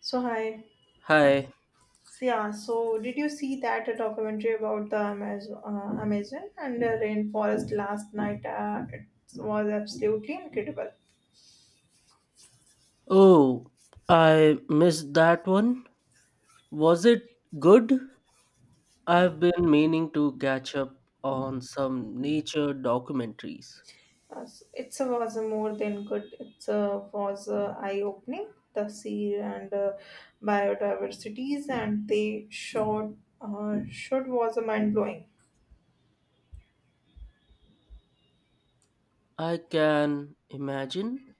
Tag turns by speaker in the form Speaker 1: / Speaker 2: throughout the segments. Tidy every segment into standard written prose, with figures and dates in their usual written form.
Speaker 1: So hi.
Speaker 2: Hi.
Speaker 1: So, yeah. So did you see that documentary about the Amazon, Amazon and the rainforest last night? It was absolutely incredible.
Speaker 2: Oh, I missed that one. Was it good? I've been meaning to catch up on some nature documentaries.
Speaker 1: It was more than good. It was eye-opening. The sea and biodiversities and they showed was mind-blowing.
Speaker 2: I can imagine.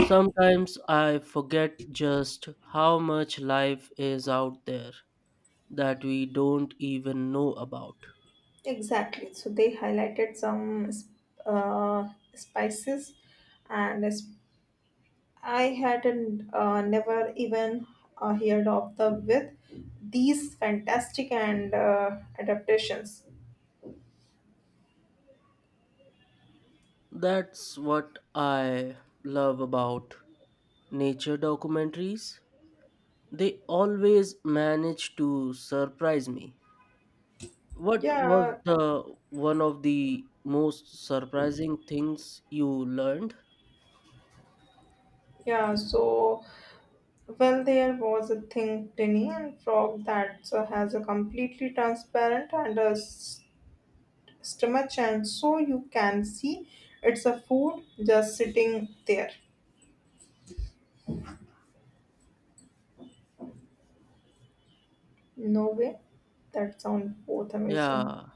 Speaker 2: Sometimes I forget just how much life is out there that we don't even know about.
Speaker 1: Exactly. So they highlighted some uh, spices and I hadn't never even heard of the with these fantastic and adaptations.
Speaker 2: That's what I love about nature documentaries. They always manage to surprise me. What was
Speaker 1: Yeah,
Speaker 2: the one of the most surprising things you learned?
Speaker 1: yeah. So well, there was a thing, Tinny and Frog that has a completely transparent and a stomach, and so you can see it's a food just sitting there. No way. That sounds both amazing.
Speaker 2: Yeah,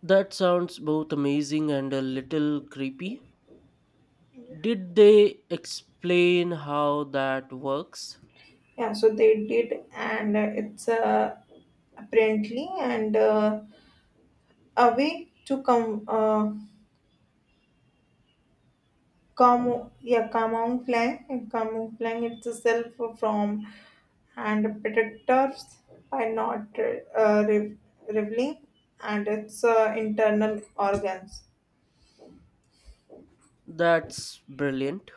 Speaker 2: that sounds both amazing and a little creepy. Did they explain how that works?
Speaker 1: Yeah, so they did, and it's a apparently and. A way to come camouflage itself from and predators by not uh, re- revealing and its internal organs.
Speaker 2: That's brilliant.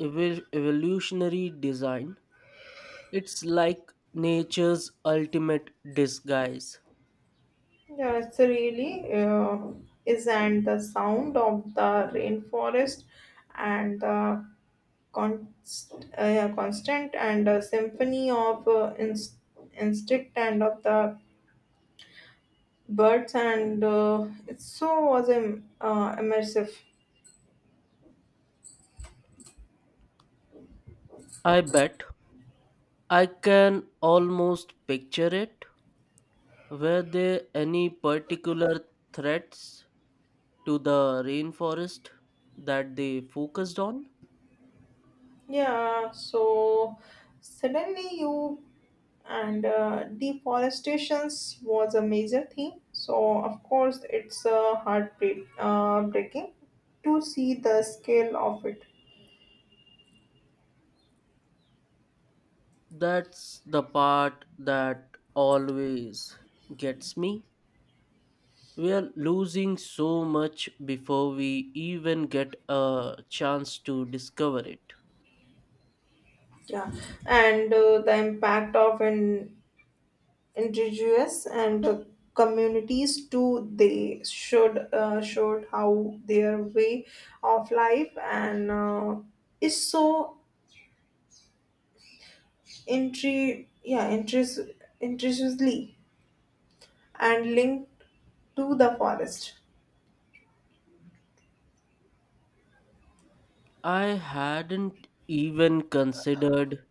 Speaker 2: Evolutionary design. It's like nature's ultimate disguise.
Speaker 1: Yeah, it's really is and the sound of the rainforest and the const, yeah, constant and symphony of instinct and of the birds and it so was immersive.
Speaker 2: I bet. I can almost picture it. Were there any particular threats to the rainforest that they focused on?
Speaker 1: Yeah, so suddenly you and deforestations was a major theme, so of course it's heartbreak breaking to see the scale of it.
Speaker 2: That's the part that always gets me. We are losing so much before we even get a chance to discover it.
Speaker 1: Yeah, and the impact of an indigenous and communities too. They should showed how their way of life and is so intri- yeah interest intricately and linked to the forest.
Speaker 2: I hadn't even considered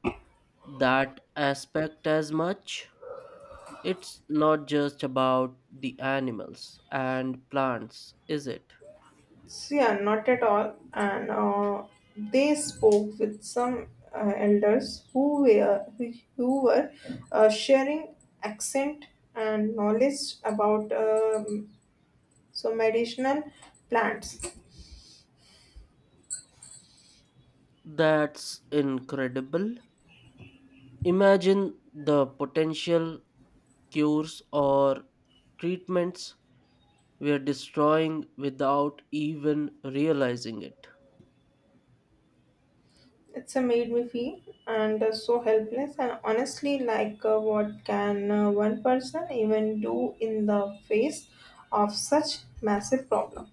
Speaker 2: that aspect as much. It's not just about the animals and plants, is it?
Speaker 1: So yeah, not at all, and they spoke with some elders who were sharing accent and knowledge about so medicinal plants.
Speaker 2: That's incredible. Imagine the potential cures or treatments we're destroying without even realizing it.
Speaker 1: It's a made me feel and so helpless and honestly like what can one person even do in the face of such massive problem?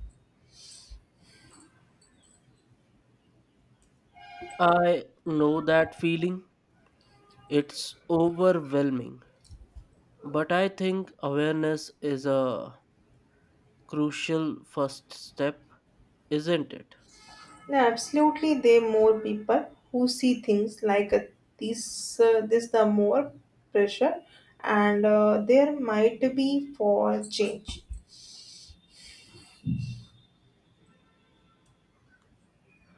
Speaker 2: I know that feeling. It's overwhelming. But I think awareness is a crucial first step, isn't it?
Speaker 1: Yeah, absolutely, there more people who see things like this the more pressure, and there might be for change.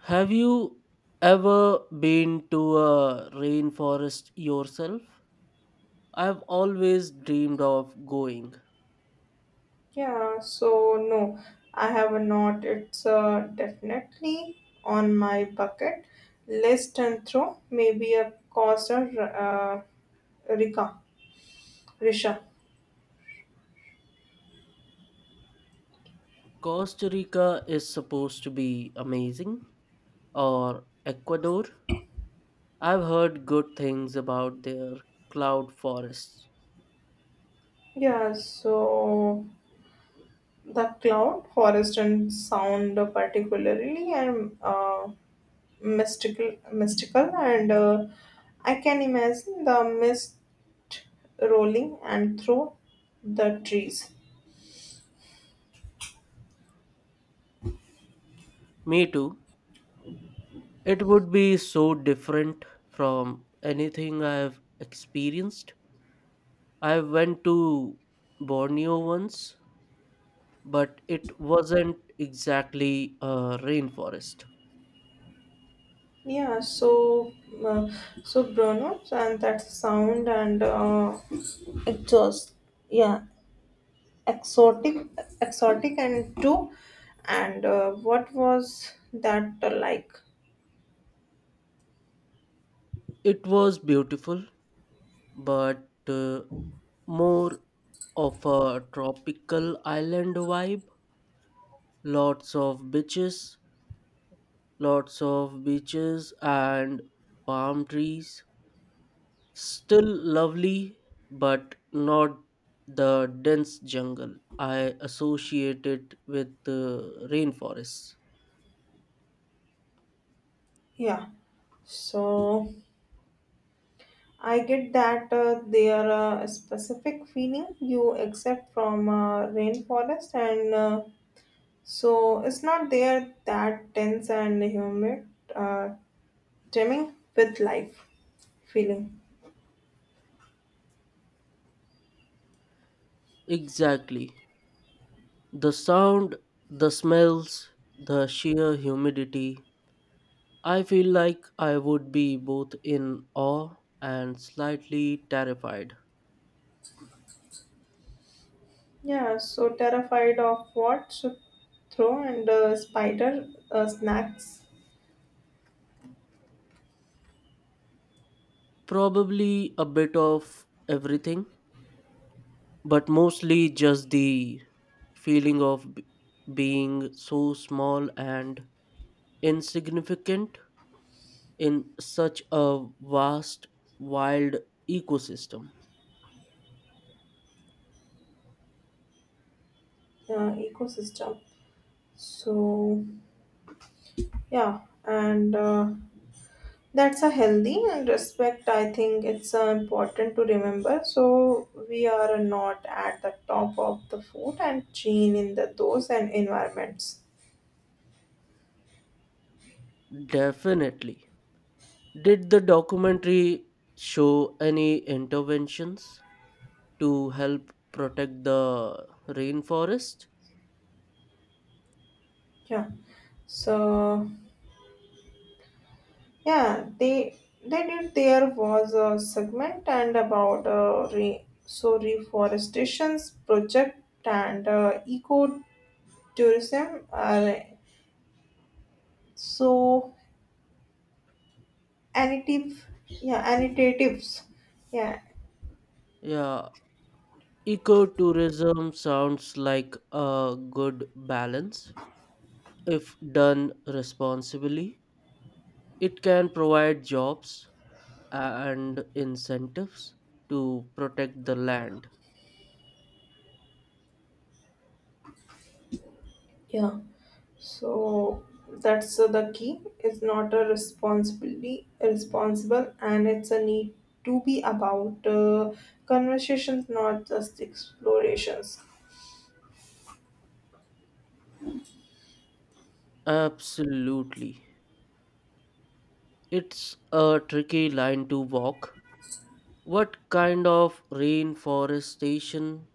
Speaker 2: Have you ever been to a rainforest yourself? I've always dreamed of going.
Speaker 1: Yeah, so no, I have not. It's definitely on my bucket list, and throw maybe a cause or Rika, Risha.
Speaker 2: Costa Rica is supposed to be amazing, or Ecuador. I've heard good things about their cloud forests.
Speaker 1: Yeah, so the cloud, forest, and sound are particularly and mystical, and I can imagine the mist rolling and through the trees.
Speaker 2: Me too. It would be so different from anything I've experienced. I went to Borneo once, but it wasn't exactly a rainforest.
Speaker 1: Yeah, uh, so burnout and that sound and exhaust. Yeah, exotic, exotic and two, and what was that like?
Speaker 2: It was beautiful, but more of a tropical island vibe. Lots of beaches, lots of beaches and palm trees. Still lovely, but not the dense jungle I associate it with the rainforests.
Speaker 1: Yeah, so I get that they are a specific feeling you accept from rainforest, and so it's not there that tense and humid, uh, teeming with life feeling.
Speaker 2: Exactly. The sound, the smells, the sheer humidity. I feel like I would be both in awe and slightly terrified.
Speaker 1: Yeah, so terrified of what? So throw and spider snacks
Speaker 2: Probably a bit of everything, but mostly just the feeling of being so small and insignificant in such a vast, wild ecosystem.
Speaker 1: ecosystem. So yeah, and that's a healthy and respect. I think it's important to remember. So we are not at the top of the food and chain in the those and environments.
Speaker 2: Definitely. Did the documentary show any interventions to help protect the rainforest?
Speaker 1: Yeah. So yeah, they did. There was a segment and about re, so reforestation's project and eco tourism are so annotatives. Yeah,
Speaker 2: Yeah, ecotourism sounds like a good balance if done responsibly. It can provide jobs and incentives to protect the land.
Speaker 1: Yeah. So that's the key. It's not a responsible, and it's a need to be about conversations, not just explorations.
Speaker 2: Absolutely. It's a tricky line to walk. What kind of rainforestation,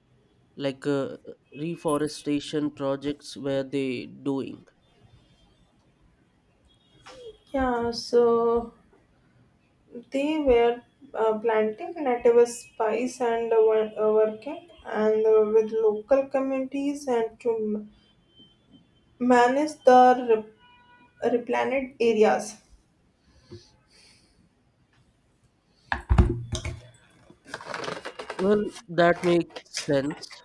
Speaker 2: like uh, reforestation projects, were they doing?
Speaker 1: Yeah, so they were planting native spice and working and with local communities and to manage the replanted areas.
Speaker 2: Well, that makes sense.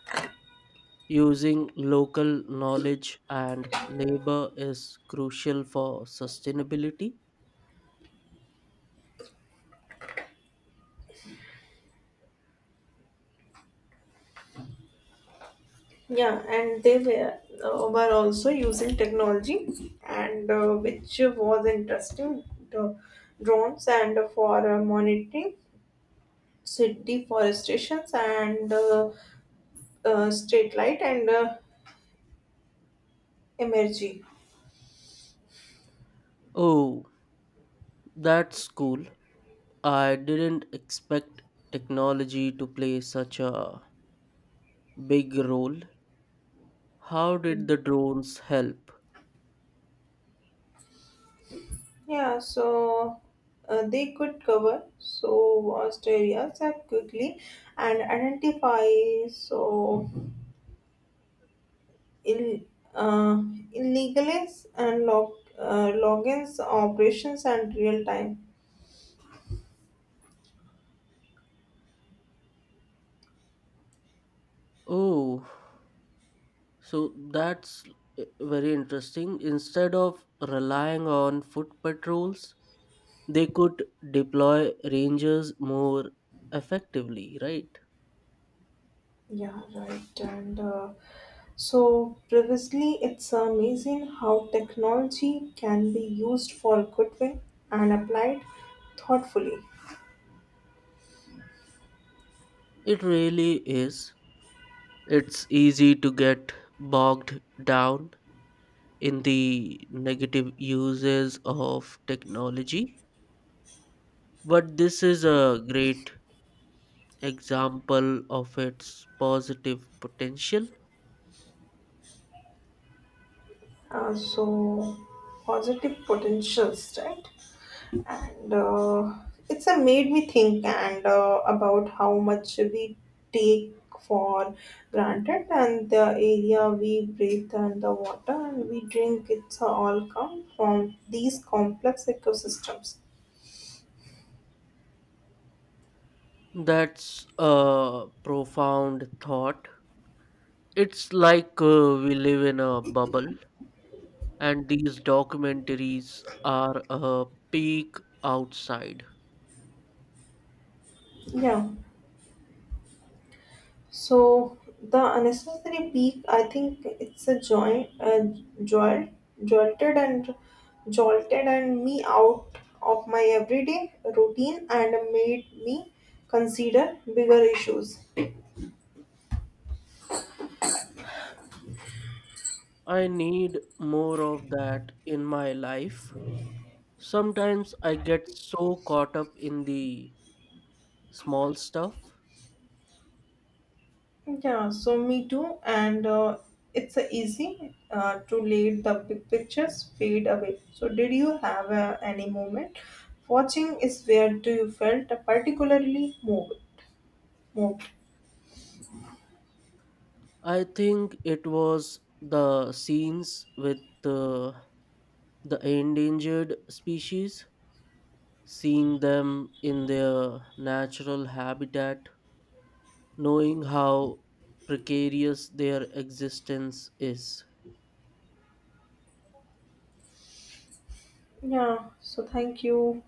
Speaker 2: Using local knowledge and labor is crucial for sustainability.
Speaker 1: Yeah, and they were also using technology, and which was interesting. The drones and for monitoring city forestations and street light and energy.
Speaker 2: Oh, that's cool. I didn't expect technology to play such a big role. How did the drones help?
Speaker 1: Yeah, so they could cover so vast areas that quickly and identify so ill, uh, illegal and logins, operations, and real time.
Speaker 2: Oh, so that's very interesting. Instead of relying on foot patrols, they could deploy rangers more effectively, right?
Speaker 1: Yeah, right. And so previously, it's amazing how technology can be used for good way and applied thoughtfully.
Speaker 2: It really is. It's easy to get bogged down in the negative uses of technology. But this is a great example of its positive potential.
Speaker 1: So positive potentials, right? And it's made me think and about how much we take for granted and the area we breathe and the water and we drink. It's all come from these complex ecosystems.
Speaker 2: That's a profound thought. It's like we live in a bubble, and these documentaries are a peek outside.
Speaker 1: Yeah, so the unnecessary peak, I think it's a joint, joy, jolted and jolted and me out of my everyday routine, and made me consider bigger issues.
Speaker 2: I need more of that in my life. Sometimes I get so caught up in the small stuff.
Speaker 1: Yeah, so me too, and it's a easy to let the big pictures fade away. So did you have any moment watching is where do you felt particularly moved? Moved.
Speaker 2: I think it was the scenes with the endangered species, seeing them in their natural habitat, knowing how precarious their existence is.
Speaker 1: Yeah. So thank you.